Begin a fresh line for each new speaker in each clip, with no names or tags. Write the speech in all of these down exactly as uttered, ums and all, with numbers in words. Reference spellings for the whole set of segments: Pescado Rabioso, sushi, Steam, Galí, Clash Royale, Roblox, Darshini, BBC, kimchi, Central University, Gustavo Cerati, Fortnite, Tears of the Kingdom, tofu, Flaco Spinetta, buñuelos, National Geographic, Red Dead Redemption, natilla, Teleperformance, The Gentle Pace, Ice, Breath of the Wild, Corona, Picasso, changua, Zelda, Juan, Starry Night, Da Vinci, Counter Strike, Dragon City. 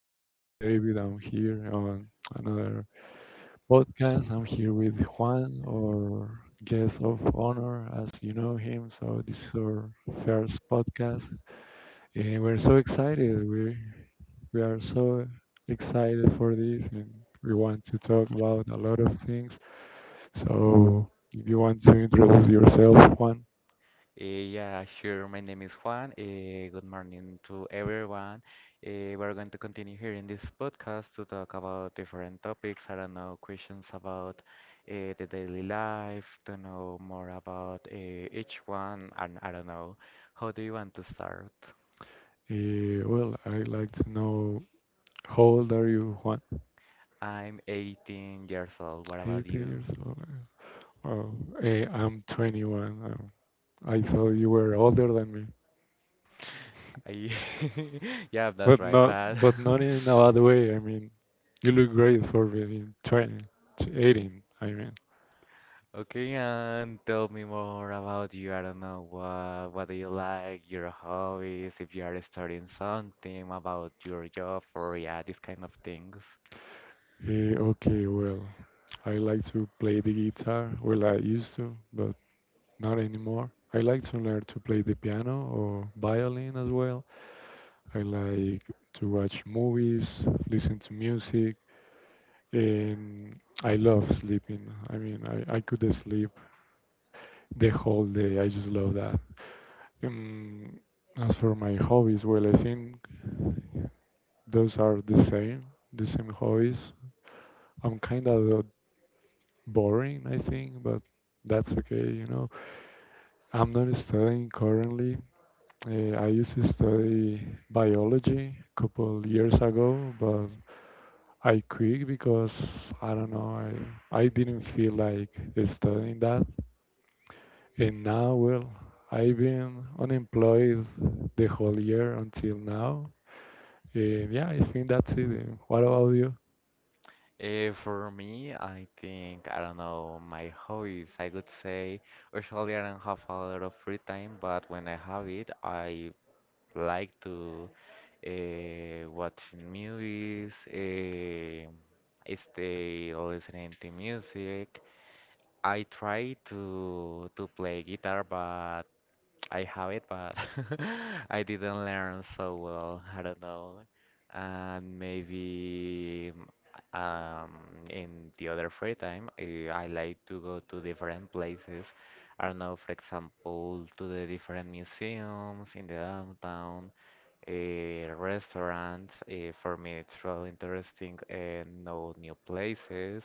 My name is David. I'm here on another podcast. I'm here with Juan, our guest of honor, as you know him. So this is our first podcast, and we're so excited. We we are so excited for this, and we want to talk about a lot of things. So if you want to introduce yourself, Juan,
Eh, Yeah, sure. My name is Juan. Eh, Good morning to everyone. Eh, We're going to continue here in this podcast to talk about different topics. I don't know, questions about eh, the daily life, to know more about eh, each one. And I don't know, how do you want to start?
eh, well, I'd like to know how old are you, Juan?
I'm eighteen years old. What about
eighteen
you?
years old. Oh, eh, I'm twenty-one. Um, I thought you were older than me,
I- Yeah, that's
but
right, but
not, but not in a bad way. I mean, you look great for being twenty, t- eighteen. I mean,
Okay, and tell me more about you. I don't know what what do you like, your hobbies, if you are studying something about your job or yeah, these kind of things.
eh, okay, well, I like to play the guitar. Well, I used to, but not anymore. I like to learn to play the piano or violin as well. I like to watch movies, listen to music, and I love sleeping. I mean, I, I could sleep the whole day. I just love that. Um, as for my hobbies, well, I think those are the same, the same hobbies. I'm kind of boring, I think, but that's okay, you know. I'm not studying currently. Uh, I used to study biology a couple years ago, but I quit because I don't know, I, I didn't feel like studying that. And now, well, I've been unemployed the whole year until now. Uh, yeah, I think that's it. Uh, What about you?
Uh, for me, I think I don't know my hobbies. I could say usually I don't have a lot of free time, but when I have it, I like to uh, watch movies, uh, stay listening to music. I tried to to play guitar, but I have it, but I didn't learn so well. I don't know. And maybe um, in the other free time, eh, I like to go to different places. I don't know, for example, to the different museums in the downtown, eh, restaurants. Eh, for me, it's really interesting and know new places.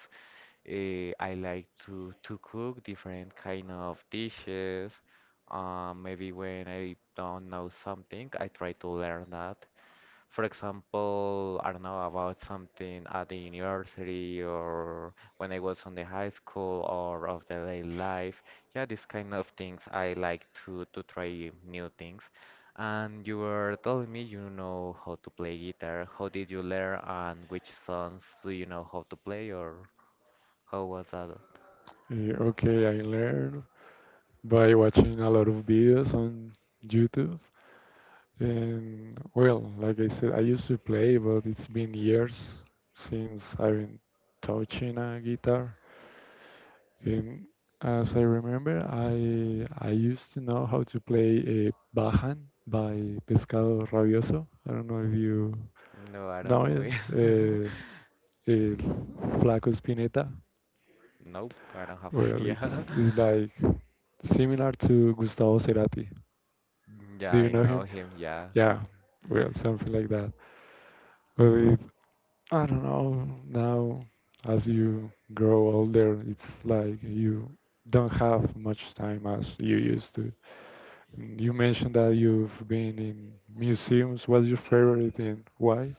Uh, I like to to cook different kind of dishes. Um, maybe when I don't know something, I try to learn that. For example, I don't know about something at the university or when I was on the high school or of the daily life. Yeah, these kind of things I like to to try new things. And you were telling me you know how to play guitar. How did you learn and which songs do you know how to play or? Oh, was that?
Uh, okay, I learned by watching a lot of videos on YouTube. And well, like I said, I used to play, but it's been years since I've been touching a guitar. And as I remember, I I used to know how to play a Bajan by Pescado Rabioso. I don't know if you
No, I don't
know
know
it.
him.
Uh, uh, Flaco Spinetta.
Nope, I don't have
Well, it's
idea.
it's like similar to Gustavo Cerati.
Yeah,
Do you
I
know
know
him?
him, yeah.
Yeah, well, something like that. But it, I don't know. Now, as you grow older, it's like you don't have much time as you used to. Mm. You mentioned that you've been in museums. What's your favorite and why?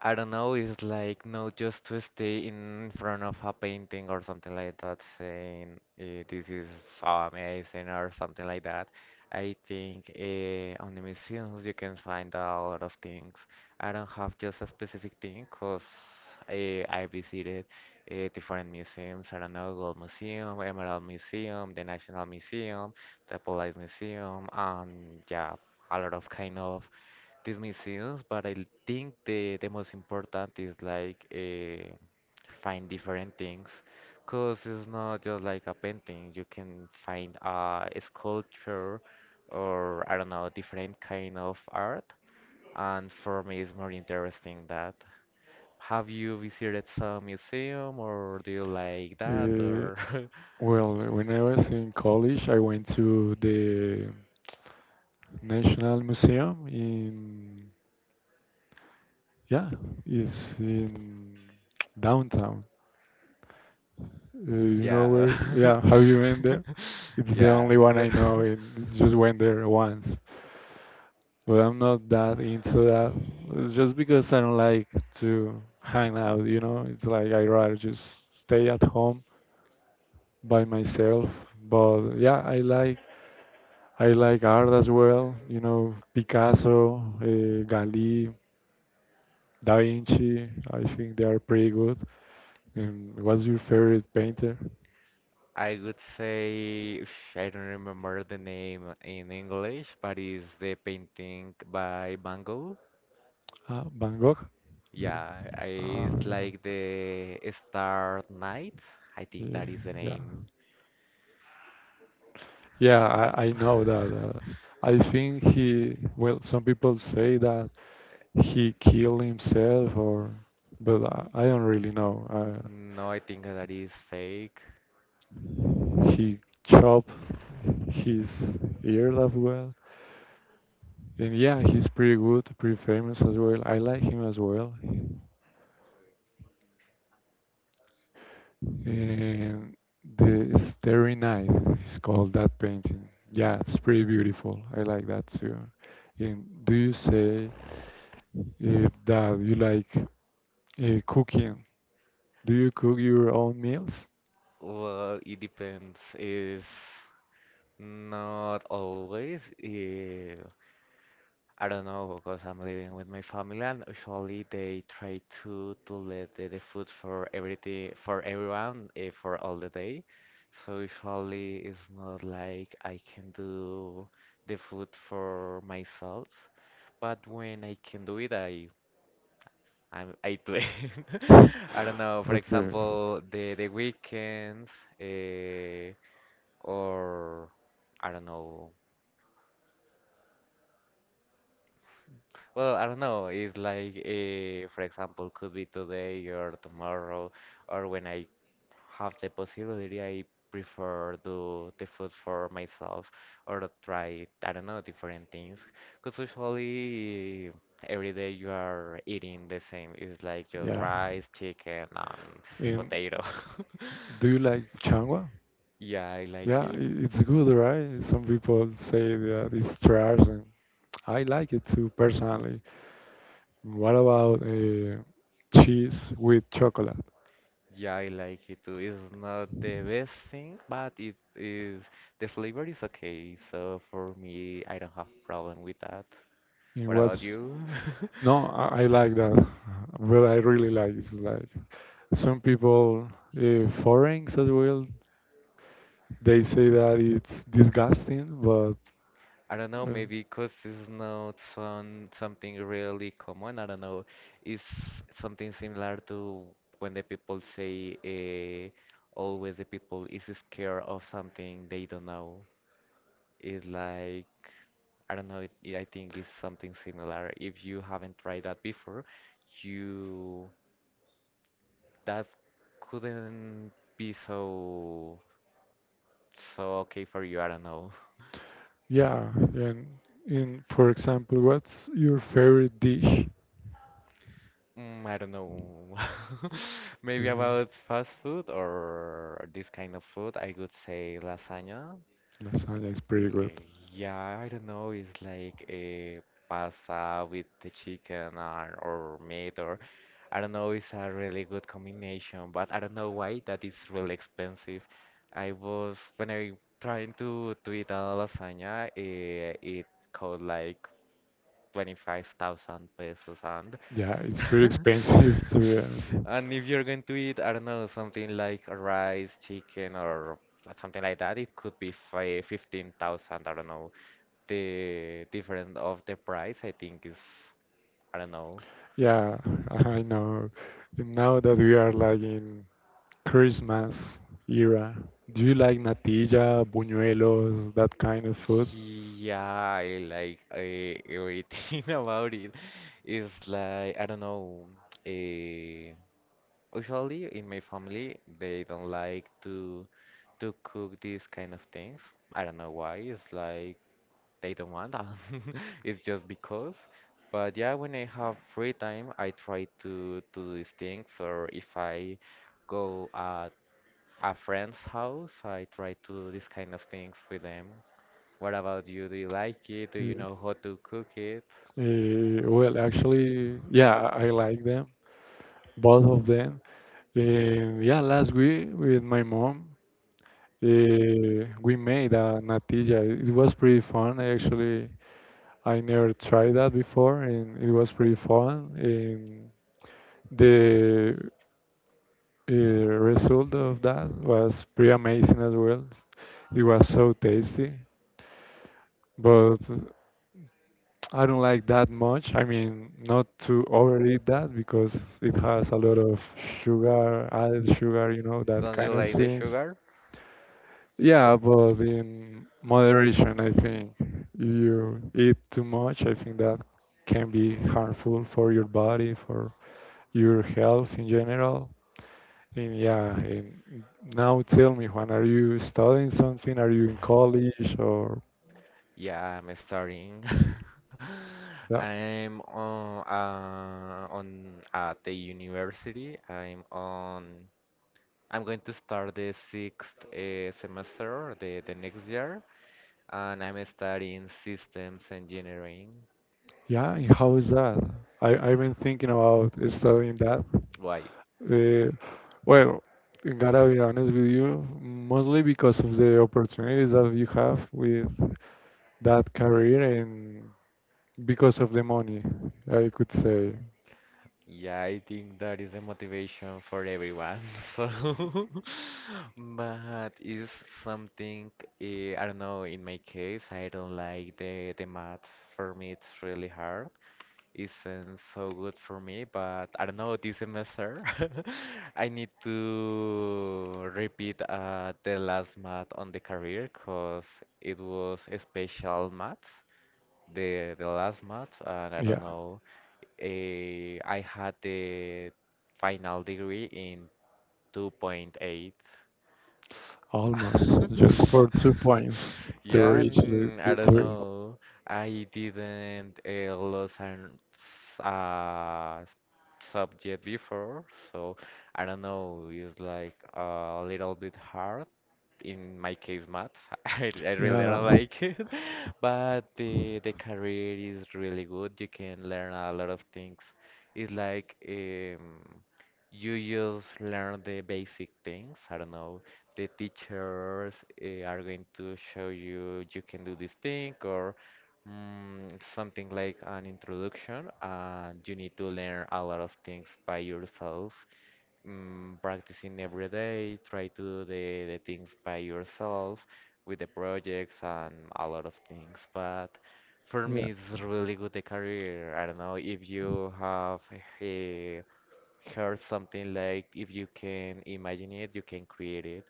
I don't know, it's like not just to stay in front of a painting or something like that, saying eh, this is so amazing or something like that. I think eh, on the museums you can find a lot of things. I don't have just a specific thing because I, I visited eh, different museums. I don't know, Gold Museum, Emerald Museum, the National Museum, the Police Museum, and yeah, a lot of kind of these museums, but I think the the most important is like uh, find different things, cause it's not just like a painting. You can find uh, a sculpture or I don't know different kind of art, and for me it's more interesting that. Have you visited some museum or do you like that
Uh,
or
well, when I was in college, I went to the National Museum in. Yeah, it's in downtown. Uh, you know
yeah
where? Yeah, have you been there? It's the only one
yeah
I know, and it's just went there once. But I'm not that into that. It's just because I don't like to hang out, you know? It's like I rather just stay at home by myself. But yeah, I like I like art as well, you know, Picasso, uh, Galí, Da Vinci. I think they are pretty good. And what's your favorite painter?
I would say, I don't remember the name in English, but it's the painting by Van Gogh.
Uh, Van Gogh. Yeah.
Yeah, I-
Ah,
it's
yeah.
like the Star Night. I think
Yeah,
that is the
yeah,
name.
yeah. I, I know that. Uh, I think he. Well, some people say that he killed himself, or but I, I don't really know. Uh,
No, I think that is fake.
he chopped his ear as well, and yeah, he's pretty good, pretty famous as well. I like him as well. And the Starry Night is called that painting. Yeah, it's pretty beautiful. I like that too. And do you say uh, that you like uh, cooking? Do you cook your own meals?
Well, it depends. It's not always. eh, I don't know because I'm living with my family and usually they try to to let the, the food for everything for everyone uh, for all the day. So usually it's not like I can do the food for myself, but when I can do it, I I, I do it. I don't know. For
Okay.
example, the the weekends uh, or I don't know. Well, I don't know. It's like, uh, for example, could be today or tomorrow, or when I have the possibility, I prefer do the food for myself or try, I don't know, different things. Because usually every day you are eating the same. It's like just
Yeah.
rice, chicken, and
And
potato.
do you like changua?
Yeah, I like.
Yeah, i- it's good, right? Some people say that it's trash, and I like it too personally. What about uh, cheese with chocolate?
Yeah, I like it too. It's not the best thing, but it is the flavor is okay. So for me, I don't have problem with that.
In
What about
what's
you?
No, I, I like that. Well, I really like it's like some people, uh, foreigners as well, they say that it's disgusting, but
I don't know,
uh,
maybe because it's not some something really common. I don't know. It's something similar to when the people say uh, always the people is scared of something they don't know. It's like I don't know, it, it- I think it's something similar. If you haven't tried that before, you that couldn't be so so okay for you. I don't know.
Yeah, and in for example, what's your favorite dish?
Mm, I don't know. Maybe
Mhm.
about fast food or this kind of food, I would say lasagna.
Lasagna is pretty good.
Eh, Yeah, I don't know. It's like a pasta with the chicken or, or meat or I don't know, it's a really good combination, but I don't know why that is really expensive. I was when I trying to to eat a lasagna, eh, it cost like twenty-five thousand pesos and
Yeah, it's pretty expensive to be honest.
and if you're going to eat, I don't know, something like rice, chicken or something like that, it could be fi fifteen thousand, I don't know. The difference of the price, I think is I don't know.
Yeah, I know. And now that we are like in Christmas era, do you like natilla, buñuelos, that kind of food?
Yeah, I like uh, everything about it. It's like I don't know. Uh, Usually in my family, they don't like to to cook these kind of things. I don't know why. It's like they don't want that. It's just because. But yeah, when I have free time, I try to to do these things. Or if I go at a friend's house, I try to do these kind of things with them. What about you? Do you like it? Do you
Uh,
know how to cook it?
uh, well, actually, yeah, I I like them, both of them. And yeah, last week with my mom, Eh, we made a natilla. It was pretty fun, actually. I never tried that before, and it was pretty fun. And the uh, result of that was pretty amazing as well. It was so tasty, but I don't like that much. I mean, not to overeat that because it has a lot of sugar, added sugar, you know, that
Don't
kind
you
of
like the
things.
sugar?
Yeah, but in moderation, I think if you eat too much, I think that can be harmful for your body, for your health in general. And yeah, and now tell me, Juan, are you studying something? Are you in college or
Yeah, I'm starting.
yeah,
I'm on uh, on at the university. I'm on. I'm going to start the sixth uh, semester the the next year, and I'm studying systems engineering.
yeah? And how is that? I I've been thinking about studying that.
Why?
Uh, well, gotta be honest with you, mostly because of the opportunities that you have with that career and because of the money, I could say.
Yeah, I think that is a motivation for everyone. So, but it's something, eh, I don't know, in my case, I don't like the the math. For me, it's really hard. Isn't so good for me, but I don't know, this semester, I need to repeat uh, the last math on the career because it was a special math the the last math, and I don't
Yeah,
know, eh, I had the final degree in two point eight.
almost just for two points to
Yeah,
reach the,
and I
the
don't
three.
know. I didn't uh, lose an s- uh, subject before, so I don't know. It's like a little bit hard in my case math. I, I really
Yeah,
don't like it, but the the career is really good. You can learn a lot of things. It's like um, you just learn the basic things. I don't know. The teachers uh, are going to show you you can do this thing or mm, something like an introduction, and you need to learn a lot of things by yourself mm, practicing every day, try to do the, the things by yourself with the projects and a lot of things. But for
yeah.
me, it's really good the career. I don't know if you have eh, heard something like if you can imagine it, you can create it.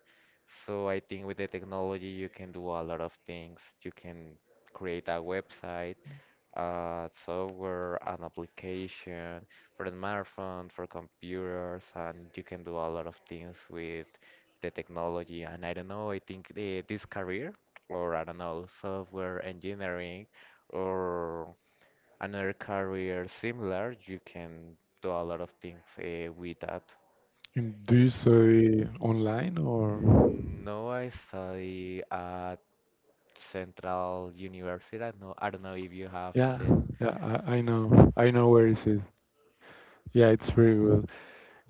So I think with the technology, you can do a lot of things. You can create a website uh, software and application for the smartphone, for computers, and you can do a lot of things with the technology. And I don't know, I think the, this career, or I don't know, software engineering, or another career similar, you can do a lot of things uh, with that.
And do you say online or?
No, I study at Central University. I know, I don't know if you have
Yeah,
seen.
yeah. I, I know. I know where is it. Yeah, it's pretty good.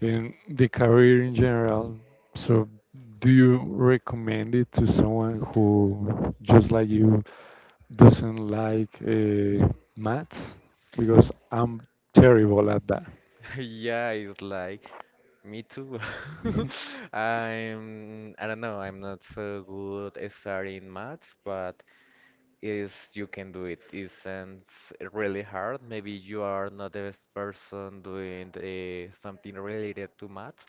And the career in general. So, do you recommend it to someone who just like you doesn't like uh, maths because I'm terrible at that.
Yeah, it's like me too. I'm I don't know, I'm not so good at studying maths, but is you can do it. Isn't really hard. Maybe you are not the best person doing uh, something related to maths,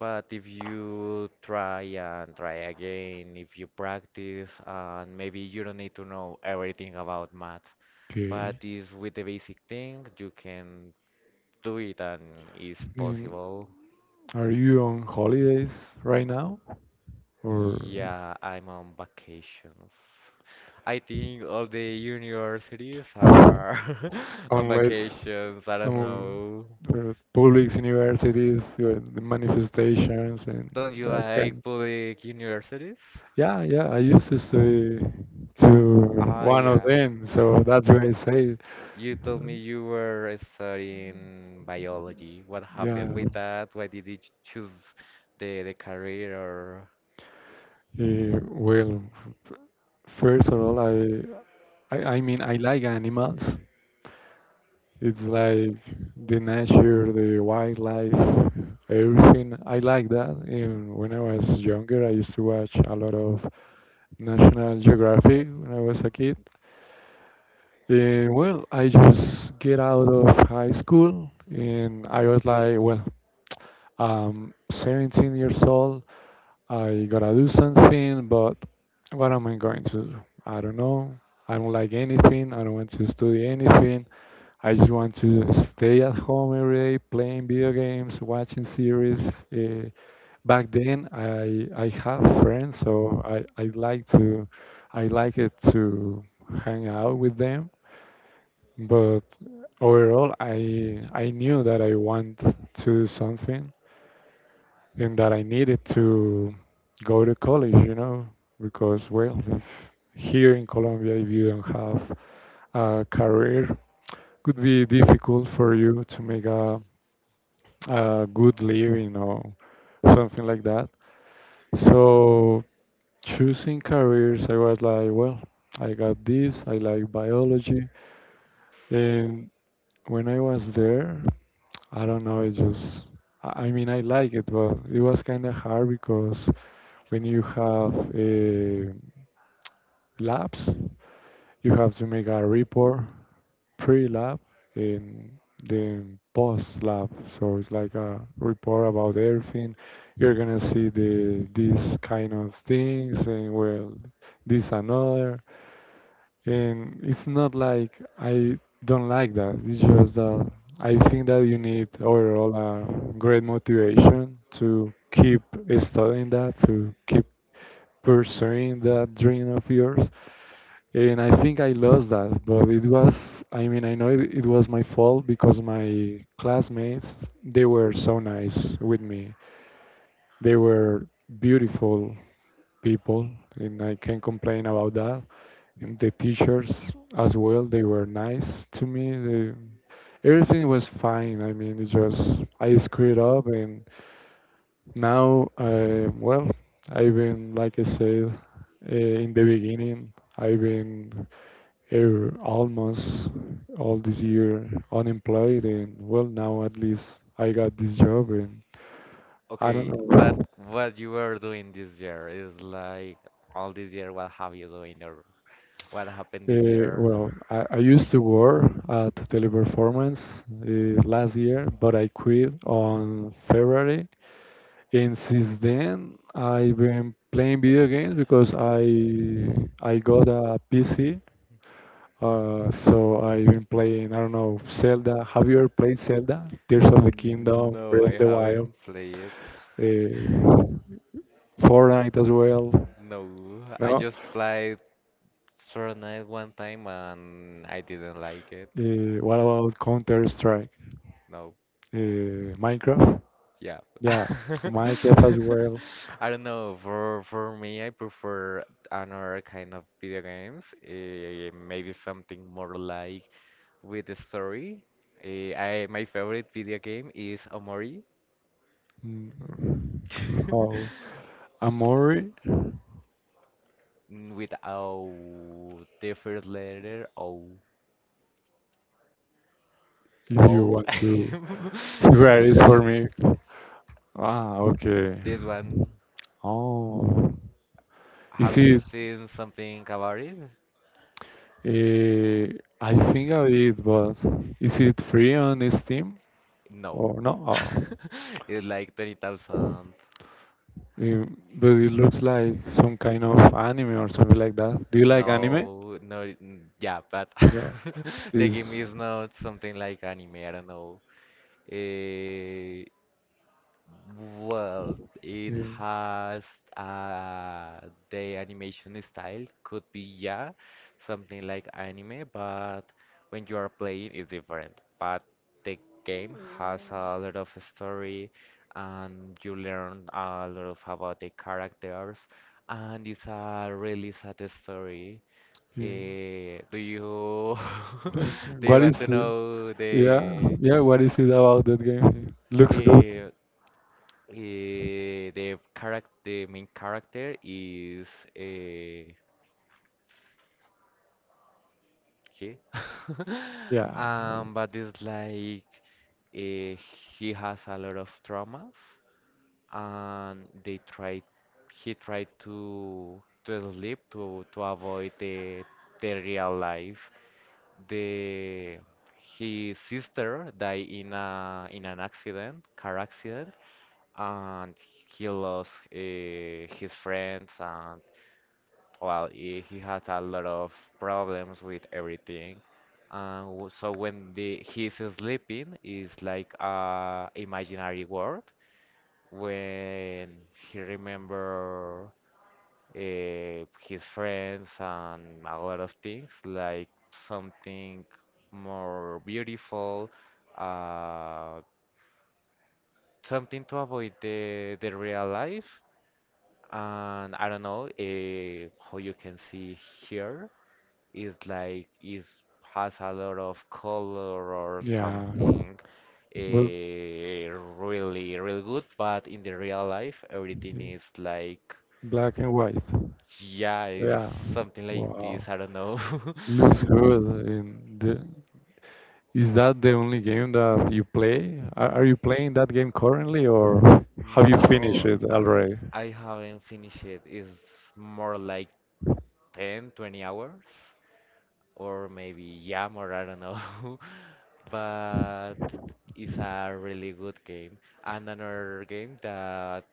but if you try and try again, if you practice, and maybe you don't need to know everything about maths, but
Okay.
is with the basic thing you can do it and it's
Um,
possible.
are you on holidays right now or?
Yeah, I'm on vacations. I think all the universities are on
Unless
vacations. I don't
um,
know.
the public universities, uh, the manifestations, and
Don't you
that
like
kind.
public universities?
Yeah, yeah, I used to study to
Ah,
one of
yeah.
them, so that's why I say.
You told
So,
me you were studying biology. What happened
yeah,
with that? Why did you ch- choose the the career or
eh, well, f- first of all, I, I, I mean, I like animals. It's like the nature, the wildlife, everything. I like that. And when I was younger, I used to watch a lot of National Geographic when I was a kid. And well, I just get out of high school, and I was like, well, I'm seventeen years old. I gotta do something, but what am I going to do? I don't know. I don't like anything. I don't want to study anything. I just want to stay at home every day, playing video games, watching series. Uh, Back then, I I have friends, so I, I like to I like it to hang out with them. But overall, I I knew that I want to do something and that I needed to go to college, you know, because well, if here in Colombia, if you don't have a career, could be difficult for you to make a A good living or something like that. So choosing careers, I was like, well, I got this. I like biology, and when I was there, I don't know. It just, I I mean, I like it, but it was kind of hard because when you have uh, labs, you have to make a report pre-lab and then post-lab. So it's like a report about everything. You're gonna see the these kind of things and well, this another. And it's not like I don't like that. It's just that I think that you need overall a great motivation to keep studying that, to keep pursuing that dream of yours and I think I lost that, but it was, I mean, I know it, it was my fault because my classmates, they were so nice with me. They were beautiful people, and I can't complain about that. And the teachers as well, they were nice to me. They, everything was fine. I mean, it just, I screwed up, and now, uh, well, I've been, like I said, uh, in the beginning, I've been are almost all this year unemployed and well now at least I got this job and I don't
okay, but
know.
what you were doing this year is like all this year, what have you doing. What happened this
Uh,
year?
well, I, I used to work at Teleperformance uh, last year, but I quit on February. And since then, I've been playing video games because I I got a P C. Uh, so I've been playing, I don't know, Zelda. Have you ever played Zelda? Tears of the Kingdom,
No,
Breath
I
of the Wild?
haven't played it.
uh, Fortnite as well.
No, I
No.
just played Fortnite one time and I didn't like it.
Uh, what about Counter Strike?
No,
Uh, Minecraft?
yeah.
Yeah, Minecraft
I
as well.
don't know. For for me, I prefer another kind of video games. Eh, maybe something more like with a story. Eh, I my favorite video game is Omori.
Mm, How Amori?
Mm, with our the first letter O.
If you
O.
want to to write it for me. Ah, okay.
This one,
Oh,
have
is
you
it?
seen something about it?
Uh, I think I did, but is it free on Steam
No.
or no? Oh.
It's like twenty thousand.
Yeah, but it looks like some kind of anime or something like that. Do you like
No,
anime?
no, mm, yeah, but
Yeah,
the game is
it's
not something like anime, I don't know. Eh, Well, it
yeah.
has uh, the animation style could be yeah, something like anime, but when you are playing it's different. But the game has a lot of story and you learn a lot of about the characters and it's a really sad story.
Yeah.
Eh, do you do you
What
want to
is it?
know
Yeah,
the
yeah. What is it about that game? Looks good.
eh, Eh, the character, the main character is uh, he.
Yeah,
Um, but it's like uh, he has a lot of traumas, and they try, he tried to to sleep to to avoid the the real life. The His sister died in a in an accident, car accident, and he lost uh, his friends and well, he, he has a lot of problems with everything. Uh, w- so when the he's sleeping, it's like a imaginary world. When he remember uh, his friends and a lot of things, like something more beautiful, uh, something to avoid the the real life. And I don't know uh, how you can see here. is like is has a lot of color or
yeah.
something
But
eh, really really good, but in the real life everything
okay.
is like
Black and white.
yeah it's
Yeah.
something
Wow.
like
Know.
this, I don't know.
Looks good. And the, is that the only game that you play? Are, are you playing that game currently, or have you finished
no
it
I,
already?
I haven't finished it. It's more like ten, twenty hours or maybe, yeah, more, I don't know. But it's a really good game. And another game that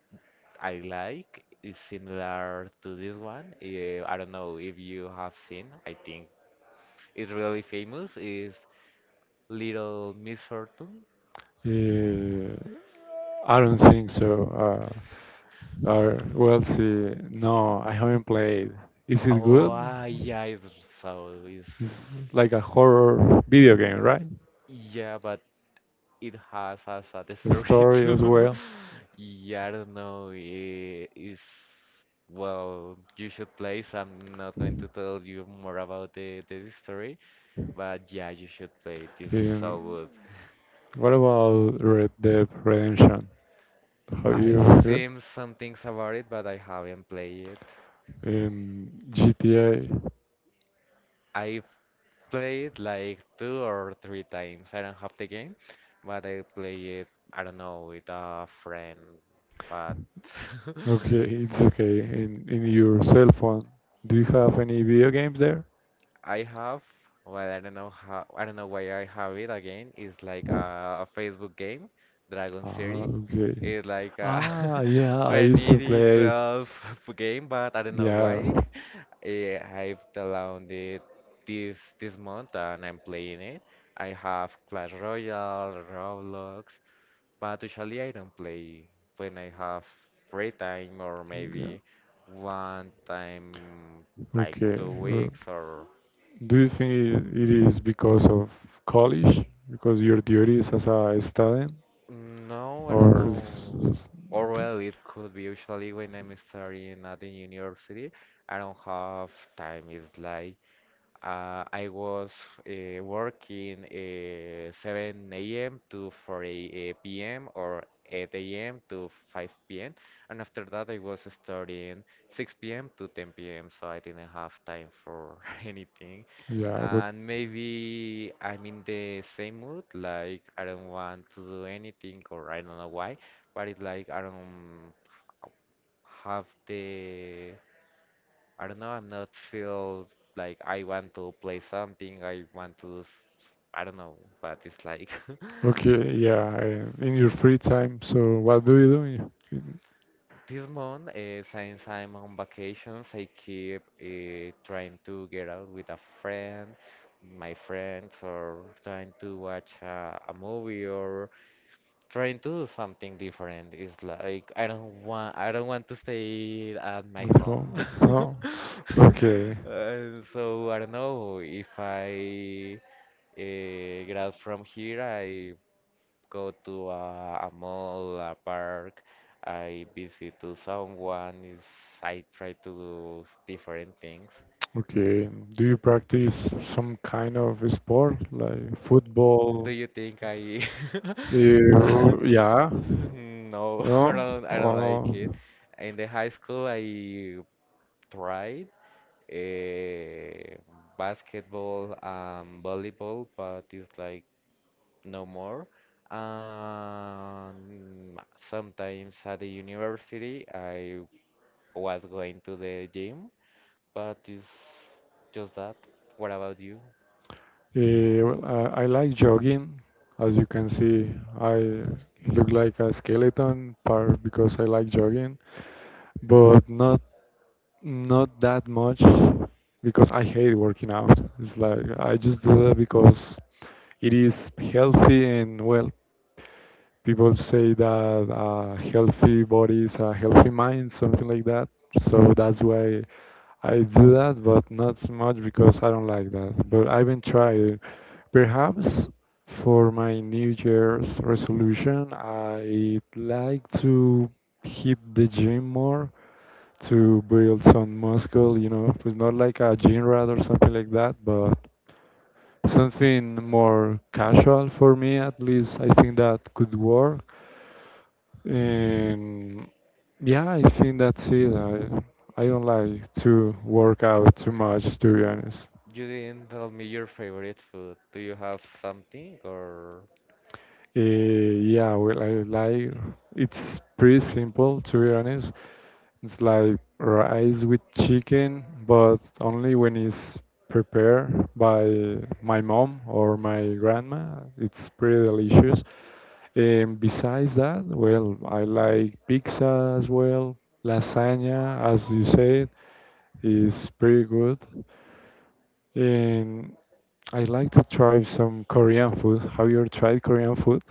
I like is similar to this one. eh, I don't know if you have seen. I think it's really famous. Is Little Misfortune.
Uh, I don't think so. Uh, uh, well, see, no, I haven't played. Is it
Oh,
good?
ah, yeah, it's so it's
It's like a horror video game, right?
yeah, but it has as a
The
dessert
story as
too.
well.
Yeah, I don't know. eh, It's well, you should play. So I'm not going to tell you more about the the story, but yeah, you should play. It's so
In,
good.
what about Red Dead Redemption? Have you
I've
heard?
seen some things about it, but I haven't played it.
In G T A.
I played like two or three times. I don't have the game, but I play it, I don't know, with a friend. But
Okay, it's okay. In in your cell phone, do you have any video games there?
I have, well, I don't know how, I don't know why I have it again. It's like a, a Facebook game, Dragon
Ah,
City.
okay.
It's like a
Ah, yeah, I used to play.
twenty twelve game, but I don't know
Yeah.
why. Eh, I've downloaded this this month and I'm playing it. I have Clash Royale, Roblox, but usually I don't play when I have free time or
Yeah.
maybe one time like
Okay.
two
Well,
weeks or
do you think it it is because of college, because your duties as a student,
no, I don't
or is,
know.
is-
Or well, it could be usually when I'm studying at the university. I don't have time. It's like Uh, I was uh, working uh, seven a m to four p m or eight a m to five p m. And after that, I was studying six p m to ten p m. So I didn't have time for anything.
yeah, but
And maybe I'm in the same mood, like I don't want to do anything or I don't know why, but it's like I don't have the I don't know, I'm not feel like I want to play something, I want to, s- s- I don't know what it's like.
okay, yeah, I- in your free time. So what do you do? in- in-
This month, uh, since I'm on vacations, I keep uh, trying to get out with a friend, my friends, or trying to watch a, a movie, or trying to do something different. It's like I don't want, I don't want to stay at my
At
home.
home? Oh, okay,
Uh, so I don't know if I Uh, grab from here, I go to a, a mall, a park, I visit to someone, is I try to do different things.
okay. Do you practice some kind of sport like
Do
football?
you think I
Eh, yeah.
no.
No.
I don't I don't like
Oh,
it. In the high school I tried uh, basketball and volleyball, but it's like no more. Um, Sometimes at the university, I was going to the gym, but it's just that. What about you?
eh, well, I, I like jogging. As you can see, I look like a skeleton part because I like jogging, but not not that much because I hate working out. It's like I just do that because it is healthy and well, people say that a healthy body is a healthy mind, something like that. So that's why I do that, but not so much because I don't like that. But I haven't tried. Perhaps for my New Year's resolution, I'd like to hit the gym more to build some muscle, you know. It's not like a gym rat or something like that, but something more casual for me at least I think that could work and yeah I think that's it i, I don't like to work out too much to be honest
You didn't tell me your favorite food. Do you have something, or
uh, Yeah, well, I like it's pretty simple to be honest it's like rice with chicken but only when it's prepared by my mom or my grandma it's pretty delicious. Um, besides that, well, I like pizza as well. Lasagna, as you said, is pretty good. And I like to try some Korean food. Have you ever tried Korean food?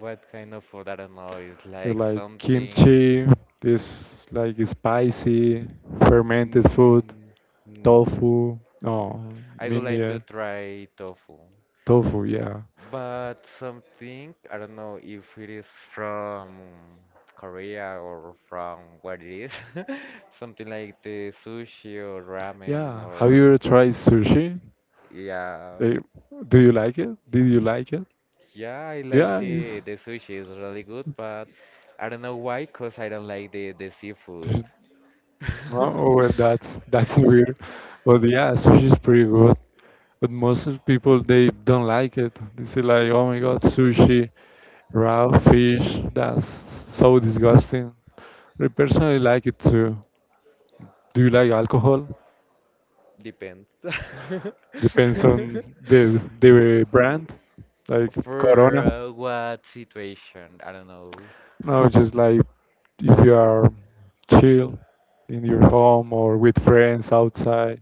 what kind of food? I don't know. Is
You
like
like
something.
kimchi, this like spicy, fermented food,
Mm, no.
tofu. No,
I
me
would like to
neither.
try tofu.
Tofu, yeah.
But something, I don't know if it is from Korea or from what it is, something like the sushi or ramen
Yeah. Have you ever
or
tried sushi?
yeah,
Eh, do you like it? Did you like it?
yeah, I
Yeah,
like the
it's
the sushi is really good, but I don't know why, 'cause I don't like the the seafood.
no, oh, well, that's that's weird. But yeah, sushi's pretty good. But most of people they don't like it. They say like, oh my god, sushi, raw fish, that's so disgusting. I personally like it too. Do you like alcohol?
Depends.
Depends on the the
F-
brand, like
For
Corona.
uh, what situation? I don't know.
No, just like if you are chill in your home or with friends outside.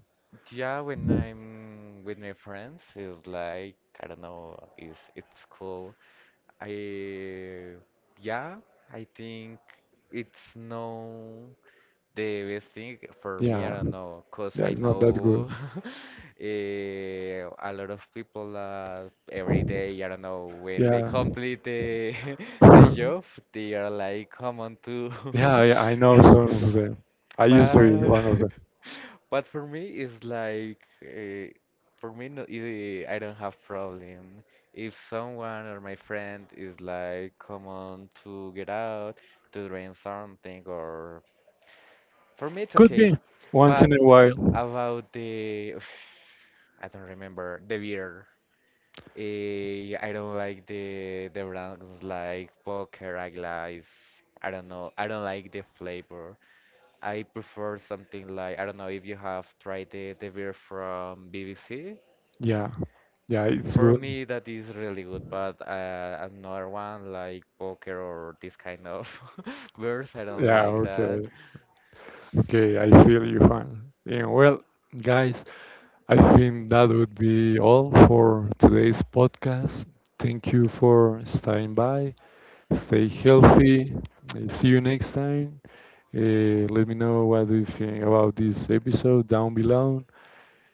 Yeah, when I'm with my friends, it's like I don't know, it's it's cool. I yeah, I think it's no the best thing for me. I
Yeah,
don't know, cause
yeah,
I
it's not that good.
know eh, a lot of people that every day, I don't know, when they
Yeah.
complete the the job, they are like, come on to
Yeah, yeah, I know some of them. I used to be
But
one of them.
but for me it's like uh, for me no, it, eh, I don't have problem. If someone or my friend is like come on to get out to drink something or for me it's
Could
okay.
be once in
But
a while.
about the I don't remember the beer. Eh, I don't like the the brands like Poker, Ice. I don't know. I don't like the flavor. I prefer something like I don't know if you have tried the, the beer from B B C.
Yeah, yeah, it's
For
good.
me, that is really good, but uh, another one like Poker or this kind of beers, I don't
Yeah,
like that.
okay. Okay, I feel you, Juan. Yeah, well, guys, I think that would be all for today's podcast. Thank you for staying by. Stay healthy. Uh, See you next time. Uh, let me know what do you think about this episode down below.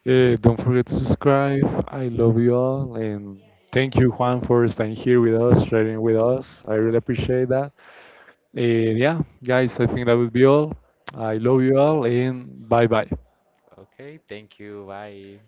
Yeah, don't forget to subscribe. I love you all, and thank you, Juan, for staying here with us, sharing with us. I really appreciate that. And yeah, guys, I think that would be all. I love you all, and bye bye.
Okay, thank you. Bye.